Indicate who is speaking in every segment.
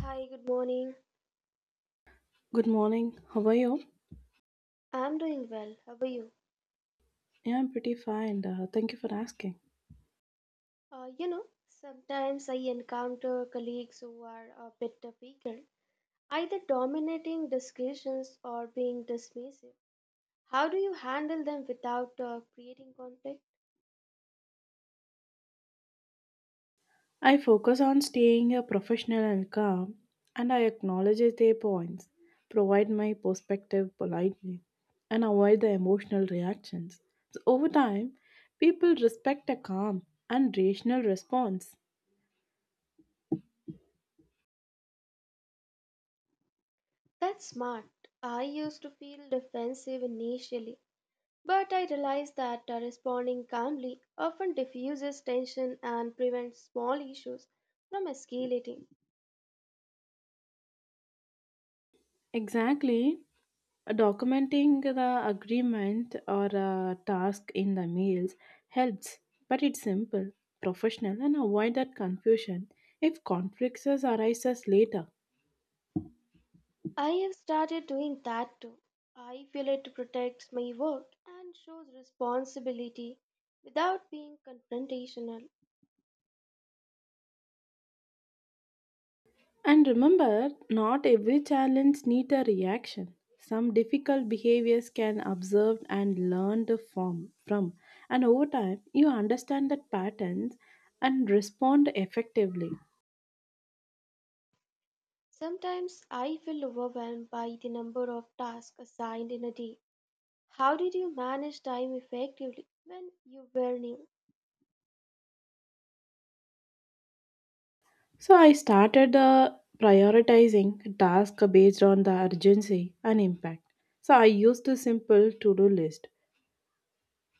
Speaker 1: Hi, good morning.
Speaker 2: Good morning. How are you?
Speaker 1: I'm doing well. How are you?
Speaker 2: Yeah, I'm pretty fine. Thank you for asking.
Speaker 1: Sometimes I encounter colleagues who are a bit difficult, either dominating discussions or being dismissive. How do you handle them without creating conflict?
Speaker 2: I focus on staying a professional and calm, and I acknowledge their points, provide my perspective politely, and avoid the emotional reactions. So over time, people respect a calm and rational response.
Speaker 1: That's smart. I used to feel defensive initially, but I realized that responding calmly often diffuses tension and prevents small issues from escalating.
Speaker 2: Exactly. Documenting the agreement or a task in the mails helps, but it's simple, professional, and avoid that confusion if conflicts arises later.
Speaker 1: I have started doing that too. I feel it protects my work and shows responsibility without being confrontational.
Speaker 2: And remember, not every challenge needs a reaction. Some difficult behaviors can observe and learn to form from, and over time you understand that patterns and respond effectively.
Speaker 1: Sometimes I feel overwhelmed by the number of tasks assigned in a day. How did you manage time effectively when you were new?
Speaker 2: So I started the prioritizing tasks based on the urgency and impact. So I used a simple to-do list,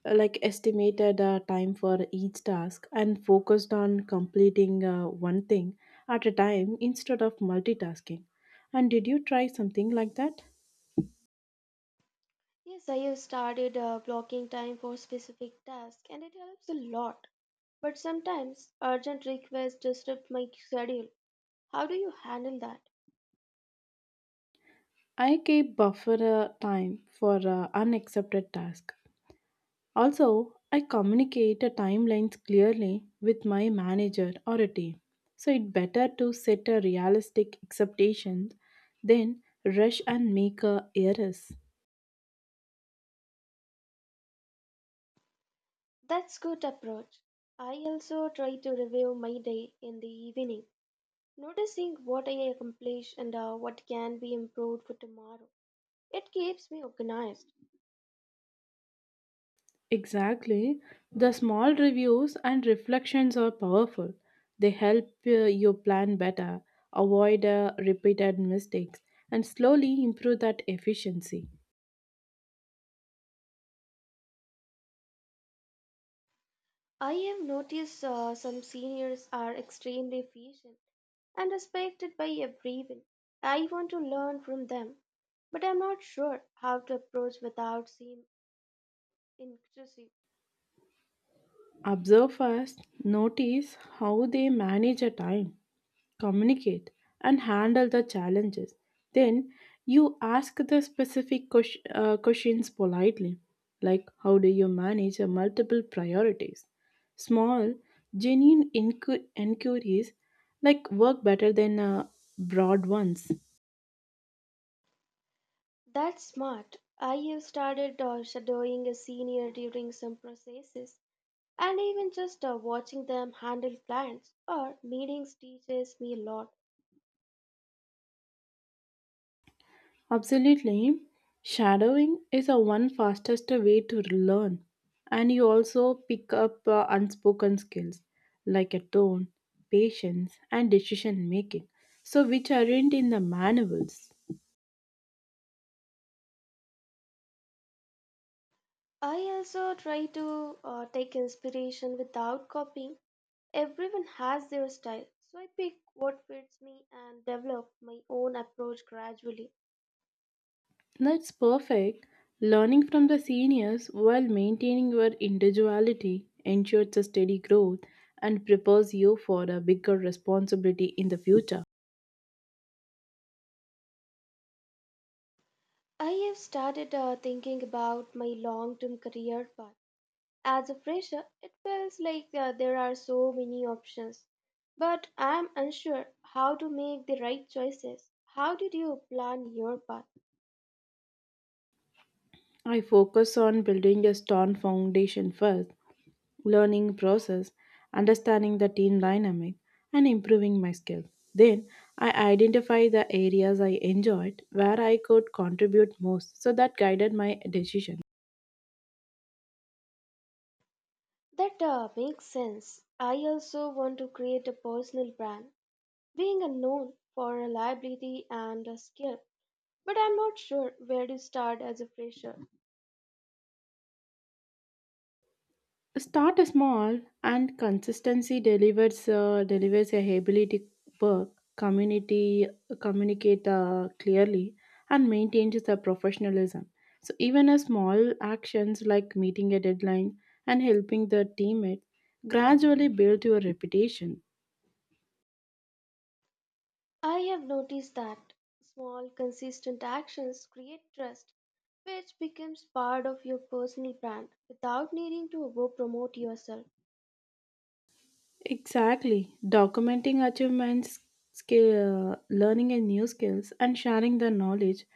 Speaker 2: like estimated time for each task and focused on completing one thing at a time instead of multitasking. And did you try something like that?
Speaker 1: Yes, I have started blocking time for specific tasks and it helps a lot. But sometimes urgent requests disrupt my schedule. How do you handle that?
Speaker 2: I keep buffer time for unaccepted task. Also, I communicate a timelines clearly with my manager or a team. So it's better to set a realistic expectations than rush and make a errors.
Speaker 1: That's good approach. I also try to review my day in the evening, noticing what I accomplished and what can be improved for tomorrow. It keeps me organized.
Speaker 2: Exactly. The small reviews and reflections are powerful. They help you plan better, avoid repeated mistakes, and slowly improve that efficiency.
Speaker 1: I have noticed some seniors are extremely efficient and respected by everyone. I want to learn from them, but I'm not sure how to approach without seeming intrusive.
Speaker 2: Observe first, notice how they manage a time, communicate, and handle the challenges. Then you ask the specific questions politely, like how do you manage your multiple priorities? Small, genuine inquiries like work better than broad ones.
Speaker 1: That's smart. I have started shadowing a senior during some processes. And even just watching them handle clients or meetings teaches me a lot.
Speaker 2: Absolutely. Shadowing is a one fastest way to learn, and you also pick up unspoken skills like a tone, patience and decision making, so which aren't in the manuals.
Speaker 1: I also try to take inspiration without copying. Everyone has their style, so I pick what fits me and develop my own approach gradually.
Speaker 2: That's perfect. Learning from the seniors while maintaining your individuality ensures a steady growth and prepares you for a bigger responsibility in the future.
Speaker 1: I have started thinking about my long term career path. As a fresher, it feels like there are so many options, but I am unsure how to make the right choices. How did you plan your path?
Speaker 2: I focus on building a strong foundation first, learning process, understanding the team dynamic, and improving my skills. Then I identify the areas I enjoyed where I could contribute most, so that guided my decision.
Speaker 1: That makes sense. I also want to create a personal brand, being a known for reliability and a skill. But I'm not sure where to start as a fresher.
Speaker 2: Start small, and consistency delivers a ability to work, community, communicate clearly, and maintains the professionalism. So even a small actions like meeting a deadline and helping the teammate gradually build your reputation.
Speaker 1: I have noticed that small, consistent actions create trust, which becomes part of your personal brand without needing to over promote yourself.
Speaker 2: Exactly. Documenting achievements, skill, learning and new skills, and sharing the knowledge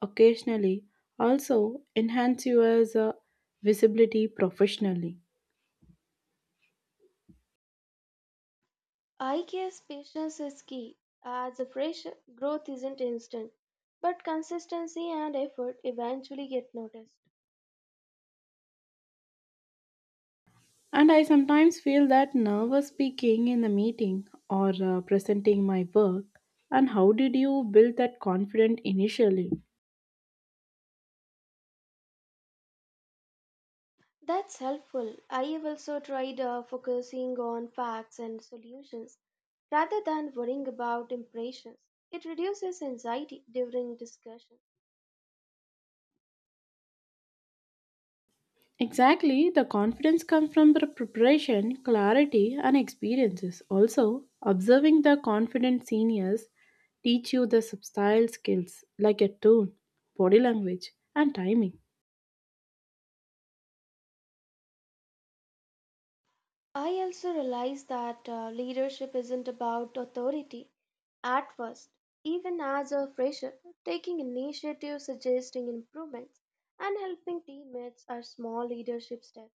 Speaker 2: occasionally also enhance you as a visibility professionally.
Speaker 1: I guess patience is key. As a fresher, growth isn't instant, but consistency and effort eventually get noticed.
Speaker 2: And I sometimes feel that nervous speaking in a meeting or presenting my work. And how did you build that confidence initially?
Speaker 1: That's helpful. I have also tried focusing on facts and solutions rather than worrying about impressions. It reduces anxiety during discussion.
Speaker 2: Exactly, the confidence comes from the preparation, clarity, and experiences. Also, observing the confident seniors teach you the subtle skills like a tone, body language, and timing.
Speaker 1: I also realized that leadership isn't about authority at first. Even as a fresher, taking initiative, suggesting improvements, and helping teammates are small leadership steps.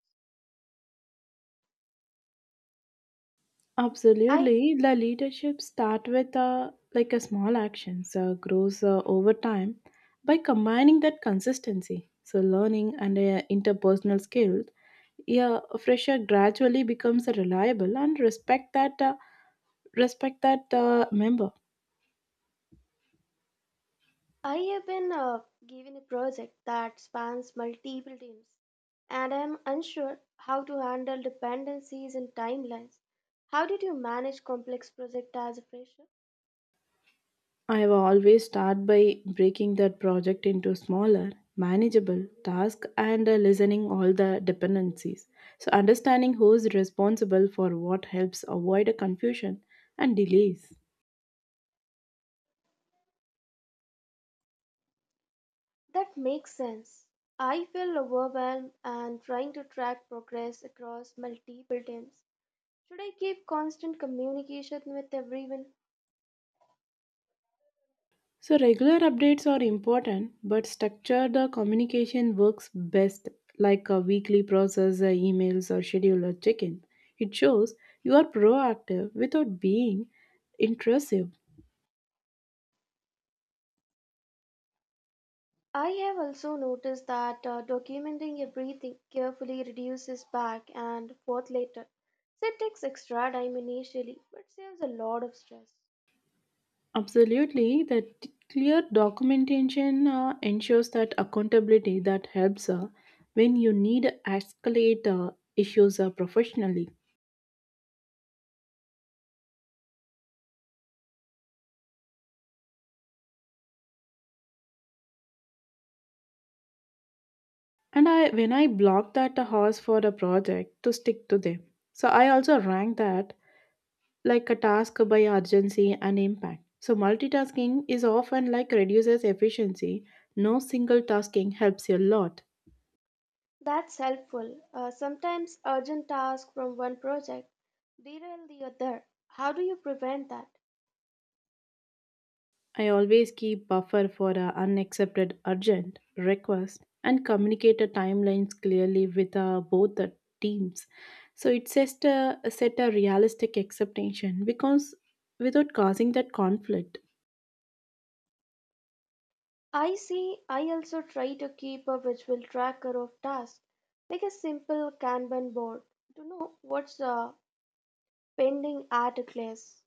Speaker 1: I
Speaker 2: Absolutely, the leadership start with a like a small action, so grows over time by combining that consistency. So learning and interpersonal skills, yeah, a fresher gradually becomes a reliable and respect that. Member.
Speaker 1: I have been given a project that spans multiple teams, and I am unsure how to handle dependencies and timelines. How did you manage complex project as a fresher?
Speaker 2: I will always start by breaking that project into smaller, manageable tasks and listening all the dependencies. So understanding who is responsible for what helps avoid a confusion and delays.
Speaker 1: That makes sense. I feel overwhelmed and trying to track progress across multiple teams. Should I keep constant communication with everyone?
Speaker 2: So regular updates are important, but structure the communication works best, like a weekly process, emails or schedule or check-in. It shows you are proactive without being intrusive.
Speaker 1: I have also noticed that documenting everything carefully reduces back and forth later. So it takes extra time initially, but saves a lot of stress.
Speaker 2: Absolutely, that clear documentation ensures that accountability that helps when you need escalate issues professionally. And when I block that horse for a project to stick to them, so I also rank that like a task by urgency and impact. So multitasking is often like reduces efficiency. No single tasking helps you a lot.
Speaker 1: That's helpful. Sometimes urgent tasks from one project derail the other. How do you prevent that?
Speaker 2: I always keep buffer for unaccepted urgent request and communicate the timelines clearly with both the teams. So it set a realistic expectation because without causing that conflict.
Speaker 1: I see. I also try to keep a visual tracker of tasks, like a simple Kanban board, to know what's pending at a class.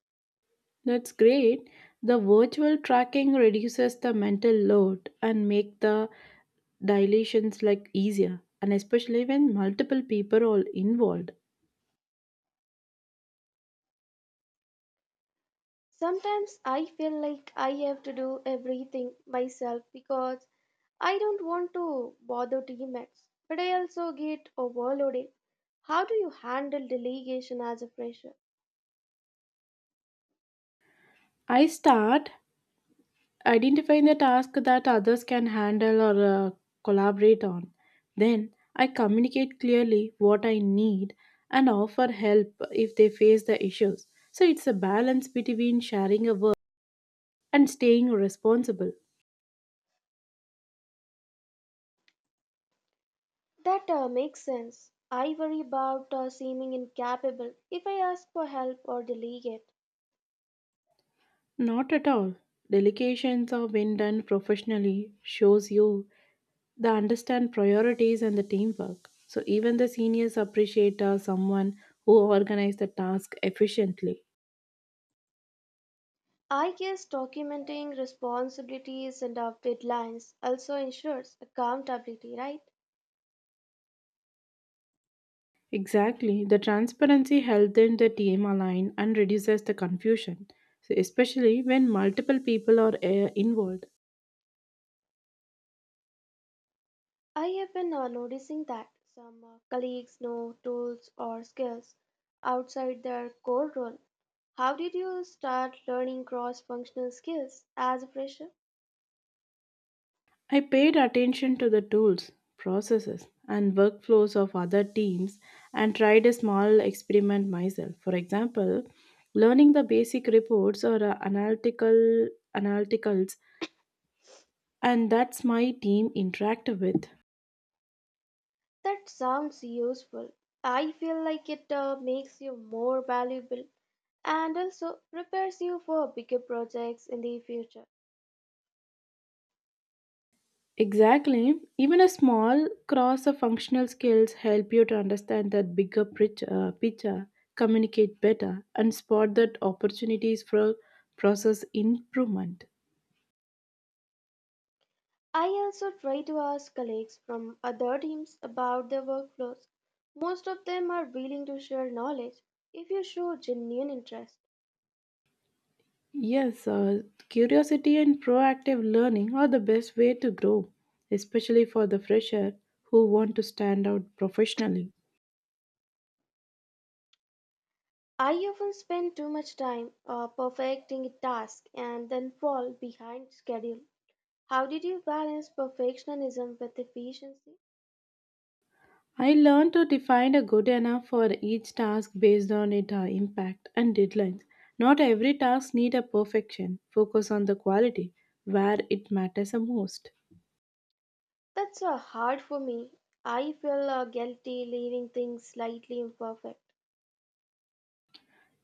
Speaker 2: That's great. The virtual tracking reduces the mental load and make the dilations like easier and especially when multiple people are involved.
Speaker 1: Sometimes I feel like I have to do everything myself because I don't want to bother teammates, but I also get overloaded. How do you handle delegation as a fresher?
Speaker 2: I start identifying the task that others can handle or collaborate on. Then I communicate clearly what I need and offer help if they face the issues. So it's a balance between sharing a work and staying responsible.
Speaker 1: That makes sense. I worry about seeming incapable if I ask for help or delegate.
Speaker 2: Not at all. Delegations are when done professionally shows you the understand priorities and the teamwork. So even the seniors appreciate someone who organizes the task efficiently.
Speaker 1: I guess documenting responsibilities and of deadlines also ensures accountability, right?
Speaker 2: Exactly. The transparency helps them the team align and reduces the confusion, so especially when multiple people are involved.
Speaker 1: I have been noticing that some colleagues know tools or skills outside their core role. How did you start learning cross functional skills as a fresher?
Speaker 2: I paid attention to the tools, processes, and workflows of other teams and tried a small experiment myself. For example, learning the basic reports or analyticals and that's my team interact with.
Speaker 1: That sounds useful. I feel like it makes you more valuable and also prepares you for bigger projects in the future.
Speaker 2: Exactly. Even a small cross of functional skills help you to understand that bigger picture, communicate better, and spot that opportunities for process improvement.
Speaker 1: I also try to ask colleagues from other teams about their workflows. Most of them are willing to share knowledge if you show genuine interest.
Speaker 2: Yes, curiosity and proactive learning are the best way to grow, especially for the fresher who want to stand out professionally.
Speaker 1: I often spend too much time perfecting a task and then fall behind schedule. How did you balance perfectionism with efficiency?
Speaker 2: I learned to define a good enough for each task based on its impact and deadlines. Not every task need a perfection. Focus on the quality where it matters the most.
Speaker 1: That's hard for me. I feel guilty leaving things slightly imperfect.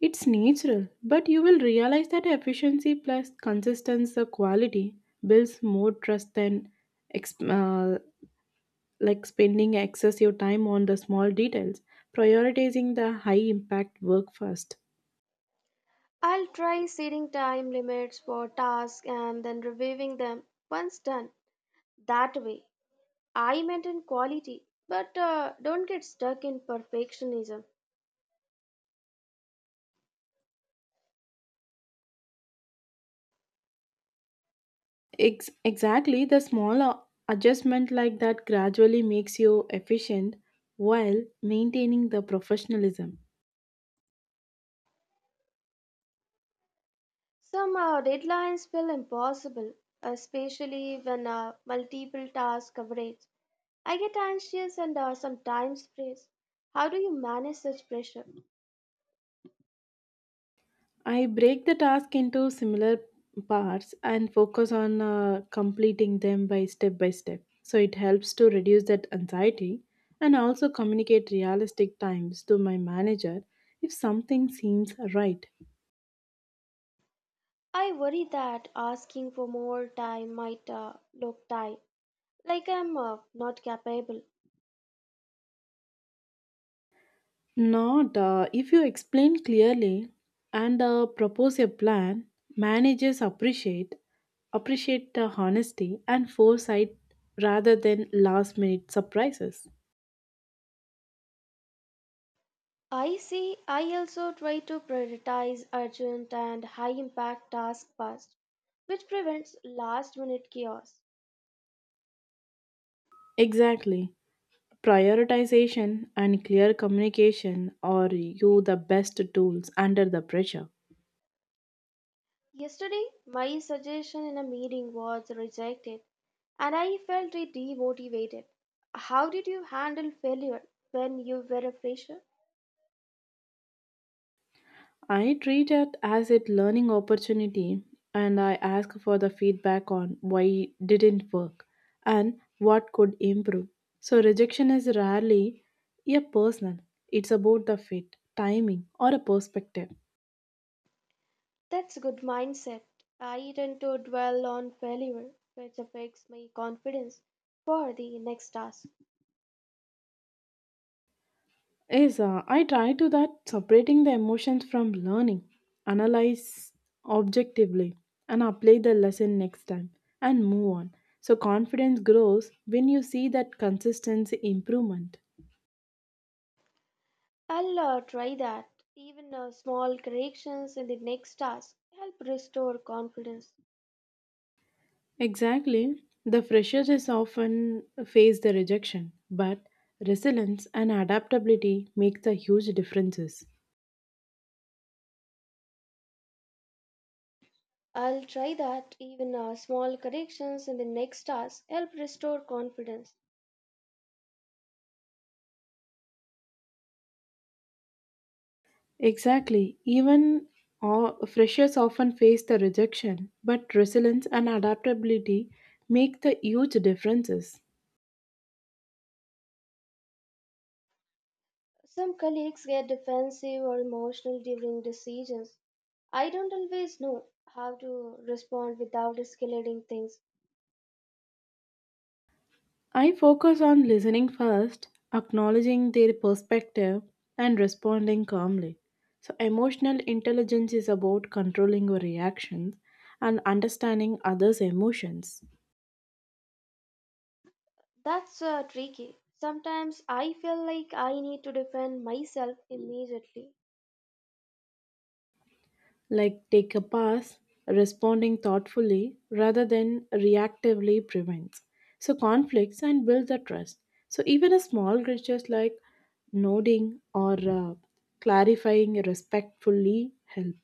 Speaker 2: It's natural, but you will realize that efficiency plus consistency, the quality builds more trust than ex- uh, spending excessive time on the small details. Prioritizing the high impact work first.
Speaker 1: I'll try setting time limits for tasks and then reviewing them once done. That way, I maintain quality but don't get stuck in perfectionism.
Speaker 2: Exactly, the small adjustment like that gradually makes you efficient while maintaining the professionalism.
Speaker 1: Somehow, deadlines feel impossible, especially when multiple task coverage. I get anxious and sometimes stressed. How do you manage such pressure?
Speaker 2: I break the task into similar parts and focus on completing them by step by step. So it helps to reduce that anxiety and also communicate realistic times to my manager if something seems right.
Speaker 1: I worry that asking for more time might look tight, like I'm not capable.
Speaker 2: Not if you explain clearly and propose a plan, managers appreciate the honesty and foresight rather than last minute surprises.
Speaker 1: I see, I also try to prioritize urgent and high impact tasks first, which prevents last minute chaos.
Speaker 2: Exactly. Prioritization and clear communication are you the best tools under the pressure.
Speaker 1: Yesterday, my suggestion in a meeting was rejected. And I felt demotivated. How did you handle failure when you were a fresher?
Speaker 2: I treat it as a learning opportunity and I ask for the feedback on why it didn't work and what could improve. So rejection is rarely a personal. It's about the fit, timing or a perspective.
Speaker 1: That's a good mindset. I tend to dwell on failure, which affects my confidence for the next task.
Speaker 2: Is I try to that separating the emotions from learning, analyze objectively and apply the lesson next time and move on. So confidence grows when you see that consistency improvement.
Speaker 1: I'll try that. Even small corrections in the next task help restore confidence.
Speaker 2: Exactly. The freshers is often face the rejection, but resilience and adaptability make the huge differences.
Speaker 1: I'll try that. Even small corrections in the next task help restore confidence.
Speaker 2: Exactly. Even all freshers often face the rejection, but resilience and adaptability make the huge differences.
Speaker 1: Some colleagues get defensive or emotional during decisions. I don't always know how to respond without escalating things.
Speaker 2: I focus on listening first, acknowledging their perspective, and responding calmly. So, emotional intelligence is about controlling your reactions and understanding others' emotions.
Speaker 1: That's tricky. Sometimes I feel like I need to defend myself immediately.
Speaker 2: Like, take a pass, responding thoughtfully rather than reactively prevents. So, conflicts and build the trust. So, even a small gestures like nodding or clarifying respectfully help.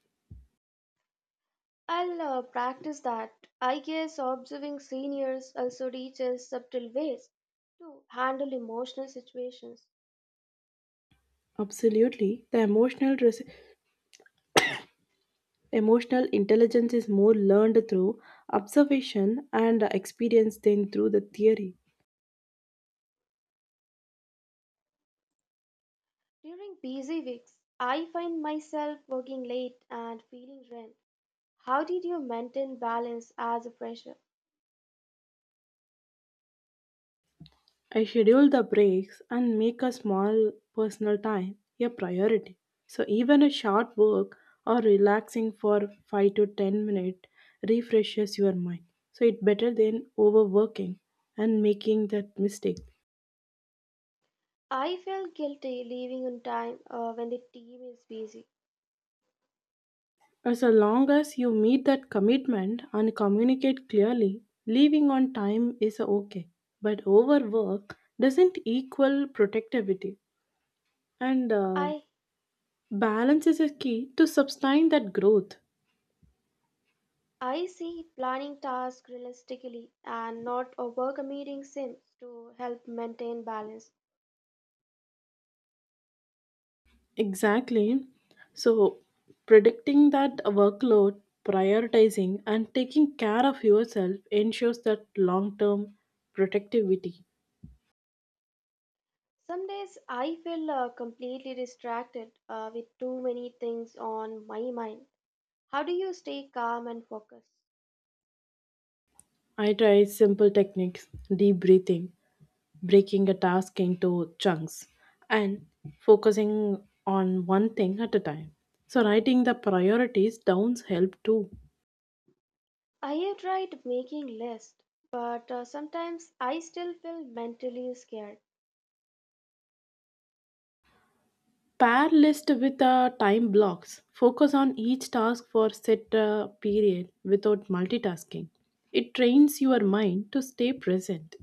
Speaker 1: I'll practice that. I guess observing seniors also teaches subtle ways to handle emotional situations.
Speaker 2: Absolutely. Emotional intelligence is more learned through observation and experience than through the theory.
Speaker 1: During busy weeks, I find myself working late and feeling drained. How did you maintain balance as a fresher?
Speaker 2: I schedule the breaks and make a small personal time a priority. So even a short walk or relaxing for 5 to 10 minutes refreshes your mind. So it's better than overworking and making that mistake.
Speaker 1: I felt guilty leaving on time when the team is busy.
Speaker 2: As long as you meet that commitment and communicate clearly, leaving on time is okay. But overwork doesn't equal protectivity, and
Speaker 1: I
Speaker 2: balance is a key to sustain that growth.
Speaker 1: I see planning tasks realistically and not overcommitting sims to help maintain balance.
Speaker 2: Exactly. So, predicting that workload, prioritizing, and taking care of yourself ensures that long term productivity.
Speaker 1: Some days I feel completely distracted with too many things on my mind. How do you stay calm and focused?
Speaker 2: I try simple techniques, deep breathing, breaking a task into chunks and focusing on one thing at a time. So writing the priorities down help too.
Speaker 1: I have tried making lists, but sometimes I still feel mentally scared.
Speaker 2: Pair list with time blocks. Focus on each task for set period without multitasking. It trains your mind to stay present.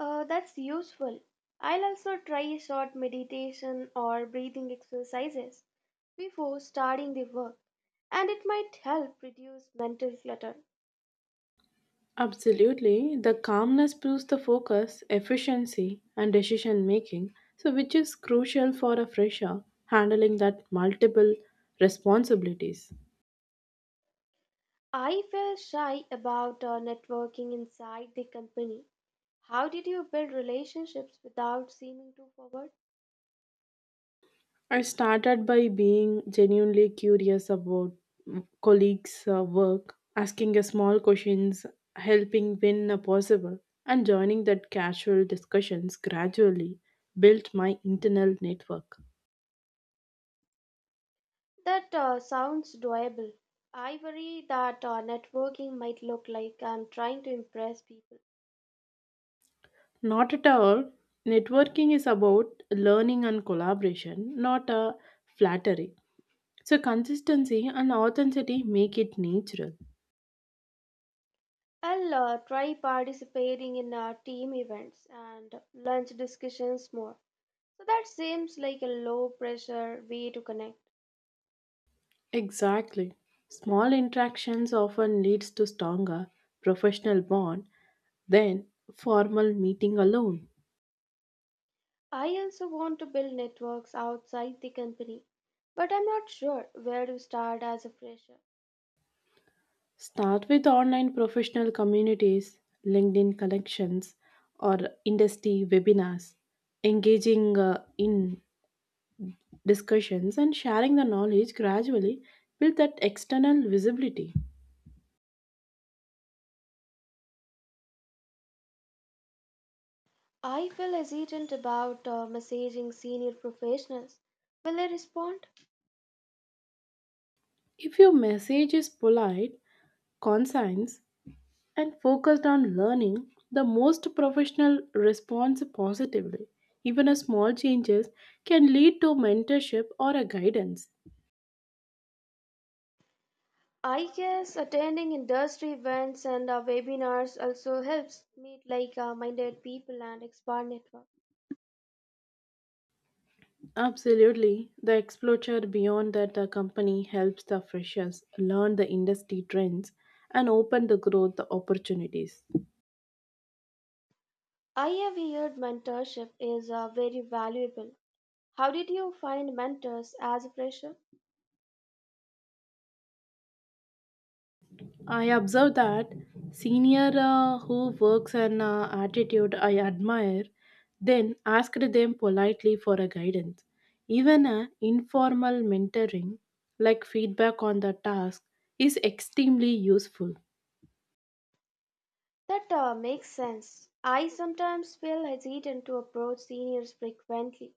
Speaker 1: That's useful. I'll also try short meditation or breathing exercises before starting the work, and it might help reduce mental clutter.
Speaker 2: Absolutely. The calmness boosts the focus, efficiency, and decision making, so which is crucial for a fresher handling that multiple responsibilities.
Speaker 1: I feel shy about networking inside the company. How did you build relationships without seeming too forward?
Speaker 2: I started by being genuinely curious about colleagues' work, asking a small questions, helping when possible, and joining that casual discussions gradually built my internal network.
Speaker 1: That sounds doable. I worry that networking might look like I'm trying to impress people.
Speaker 2: Not at all. Networking is about learning and collaboration, not a flattery. So consistency and authenticity make it natural.
Speaker 1: I'll try participating in team events and lunch discussions more. So that seems like a low pressure way to connect.
Speaker 2: Exactly. Small interactions often leads to stronger professional bond. Then, formal meeting alone.
Speaker 1: I also want to build networks outside the company, but I'm not sure where to start as a fresher.
Speaker 2: Start with online professional communities, LinkedIn connections, or industry webinars. Engaging in discussions and sharing the knowledge gradually build that external visibility.
Speaker 1: I feel hesitant about messaging senior professionals. Will they respond?
Speaker 2: If your message is polite, concise, and focused on learning, the most professional responds positively. Even a small changes can lead to mentorship or a guidance.
Speaker 1: I guess attending industry events and webinars also helps meet like minded people and expand network.
Speaker 2: Absolutely. The exposure beyond that the company helps the freshers learn the industry trends and open the growth opportunities.
Speaker 1: I have heard mentorship is very valuable. How did you find mentors as a fresher?
Speaker 2: I observe that senior who works an attitude I admire, then asked them politely for a guidance. Even a informal mentoring like feedback on the task is extremely useful.
Speaker 1: That makes sense. I sometimes feel hesitant to approach seniors frequently.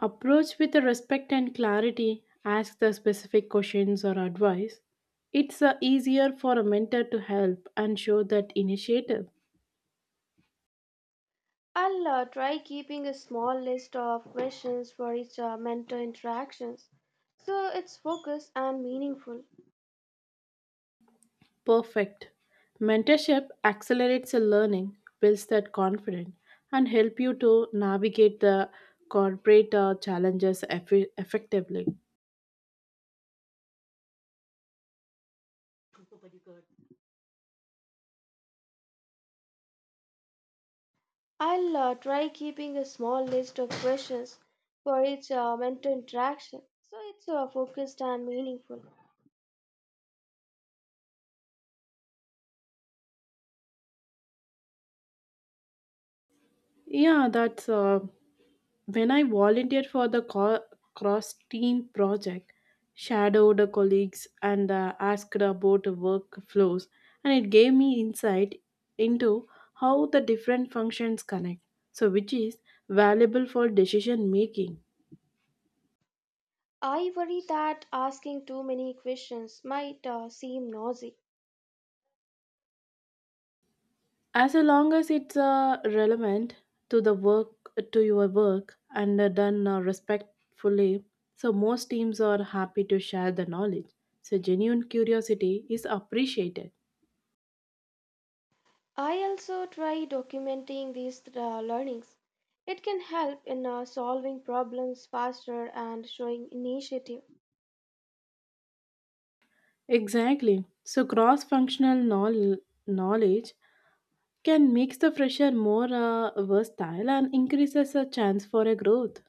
Speaker 2: Approach with respect and clarity, ask the specific questions or advice. It's easier for a mentor to help and show that initiative.
Speaker 1: I'll try keeping a small list of questions for each mentor interactions so it's focused and meaningful.
Speaker 2: Perfect. Mentorship accelerates the learning, builds that confidence, and help you to navigate the corporate challenges effectively.
Speaker 1: I'll try keeping a small list of questions for each mentor interaction so it's focused and meaningful.
Speaker 2: Yeah, that's When I volunteered for the cross team project, shadowed the colleagues and asked about the workflows, and it gave me insight into how the different functions connect, so which is valuable for decision making.
Speaker 1: I worry that asking too many questions might seem nosy.
Speaker 2: As long as it's relevant to the work to your work and done respectfully, so most teams are happy to share the knowledge. So genuine curiosity is appreciated.
Speaker 1: I also try documenting these learnings. It can help in solving problems faster and showing initiative.
Speaker 2: Exactly. So, cross functional knowledge can make the fresher more versatile and increases a chance for a growth.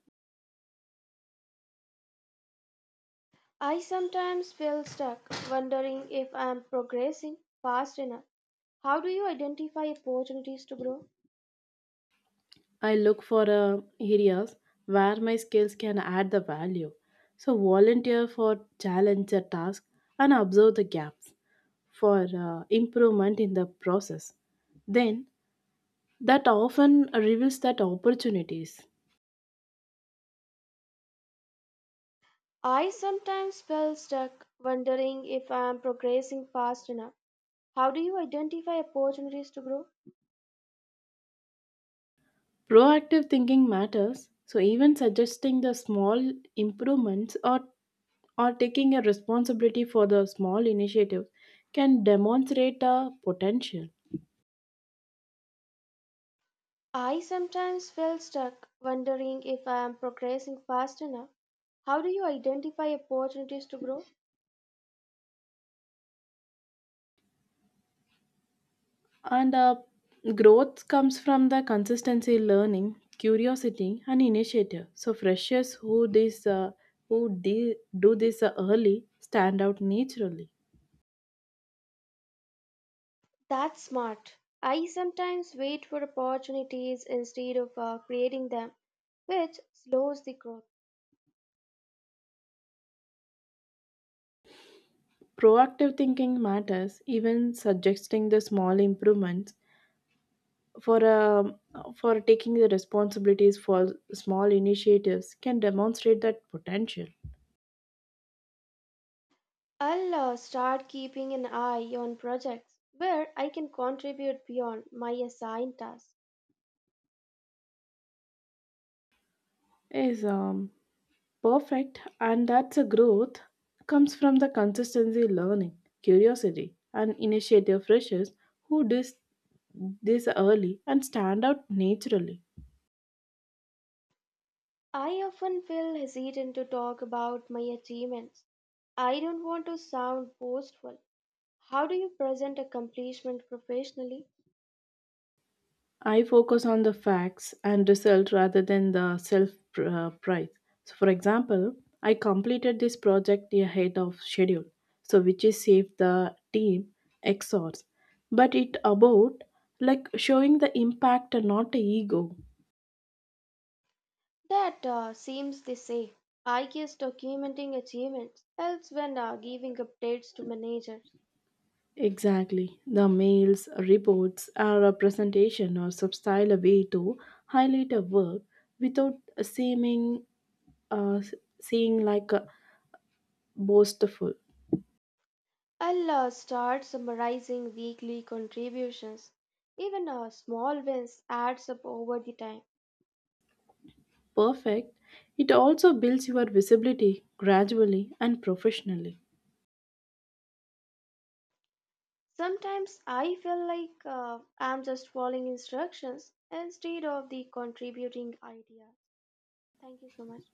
Speaker 1: I sometimes feel stuck, wondering if I am progressing fast enough. How do you identify opportunities to grow?
Speaker 2: I look for areas where my skills can add the value. So, volunteer for challenge a task and observe the gaps for improvement in the process. Then, that often reveals that opportunities.
Speaker 1: I sometimes feel stuck, wondering if I am progressing fast enough. How do you identify opportunities to grow?
Speaker 2: Proactive thinking matters, so even suggesting the small improvements or taking a responsibility for the small initiatives can demonstrate a potential,
Speaker 1: I sometimes feel stuck, wondering if I am progressing fast enough. How do you identify opportunities to grow?
Speaker 2: and growth comes from the consistency learning curiosity and initiative, so freshers who do this early stand out naturally.
Speaker 1: That's smart. I sometimes wait for opportunities instead of creating them, which slows the growth.
Speaker 2: Proactive thinking matters, even suggesting the small improvements for um, for taking the responsibilities for small initiatives can demonstrate that potential.
Speaker 1: I'll start keeping an eye on projects where I can contribute beyond my assigned tasks.
Speaker 2: Yes, perfect, and that's a growth comes from the consistency learning curiosity and initiative, freshers who dis this early and stand out naturally.
Speaker 1: I often feel hesitant to talk about my achievements. I don't want to sound boastful. How do you present accomplishment professionally?
Speaker 2: I focus on the facts and result rather than the price, so for example, I completed this project ahead of schedule, so which is saved the team X hours. But it about like showing the impact and not the ego.
Speaker 1: That seems the same. I guess documenting achievements helps when giving updates to managers.
Speaker 2: Exactly. The mails, reports, or a presentation or substyle a way to highlight a work without seeming uh, seeing like a boastful.
Speaker 1: I'll start summarizing weekly contributions. Even small wins adds up over the time.
Speaker 2: Perfect. It also builds your visibility gradually and professionally.
Speaker 1: Sometimes I feel like I'm just following instructions instead of the contributing ideas. Thank you so much.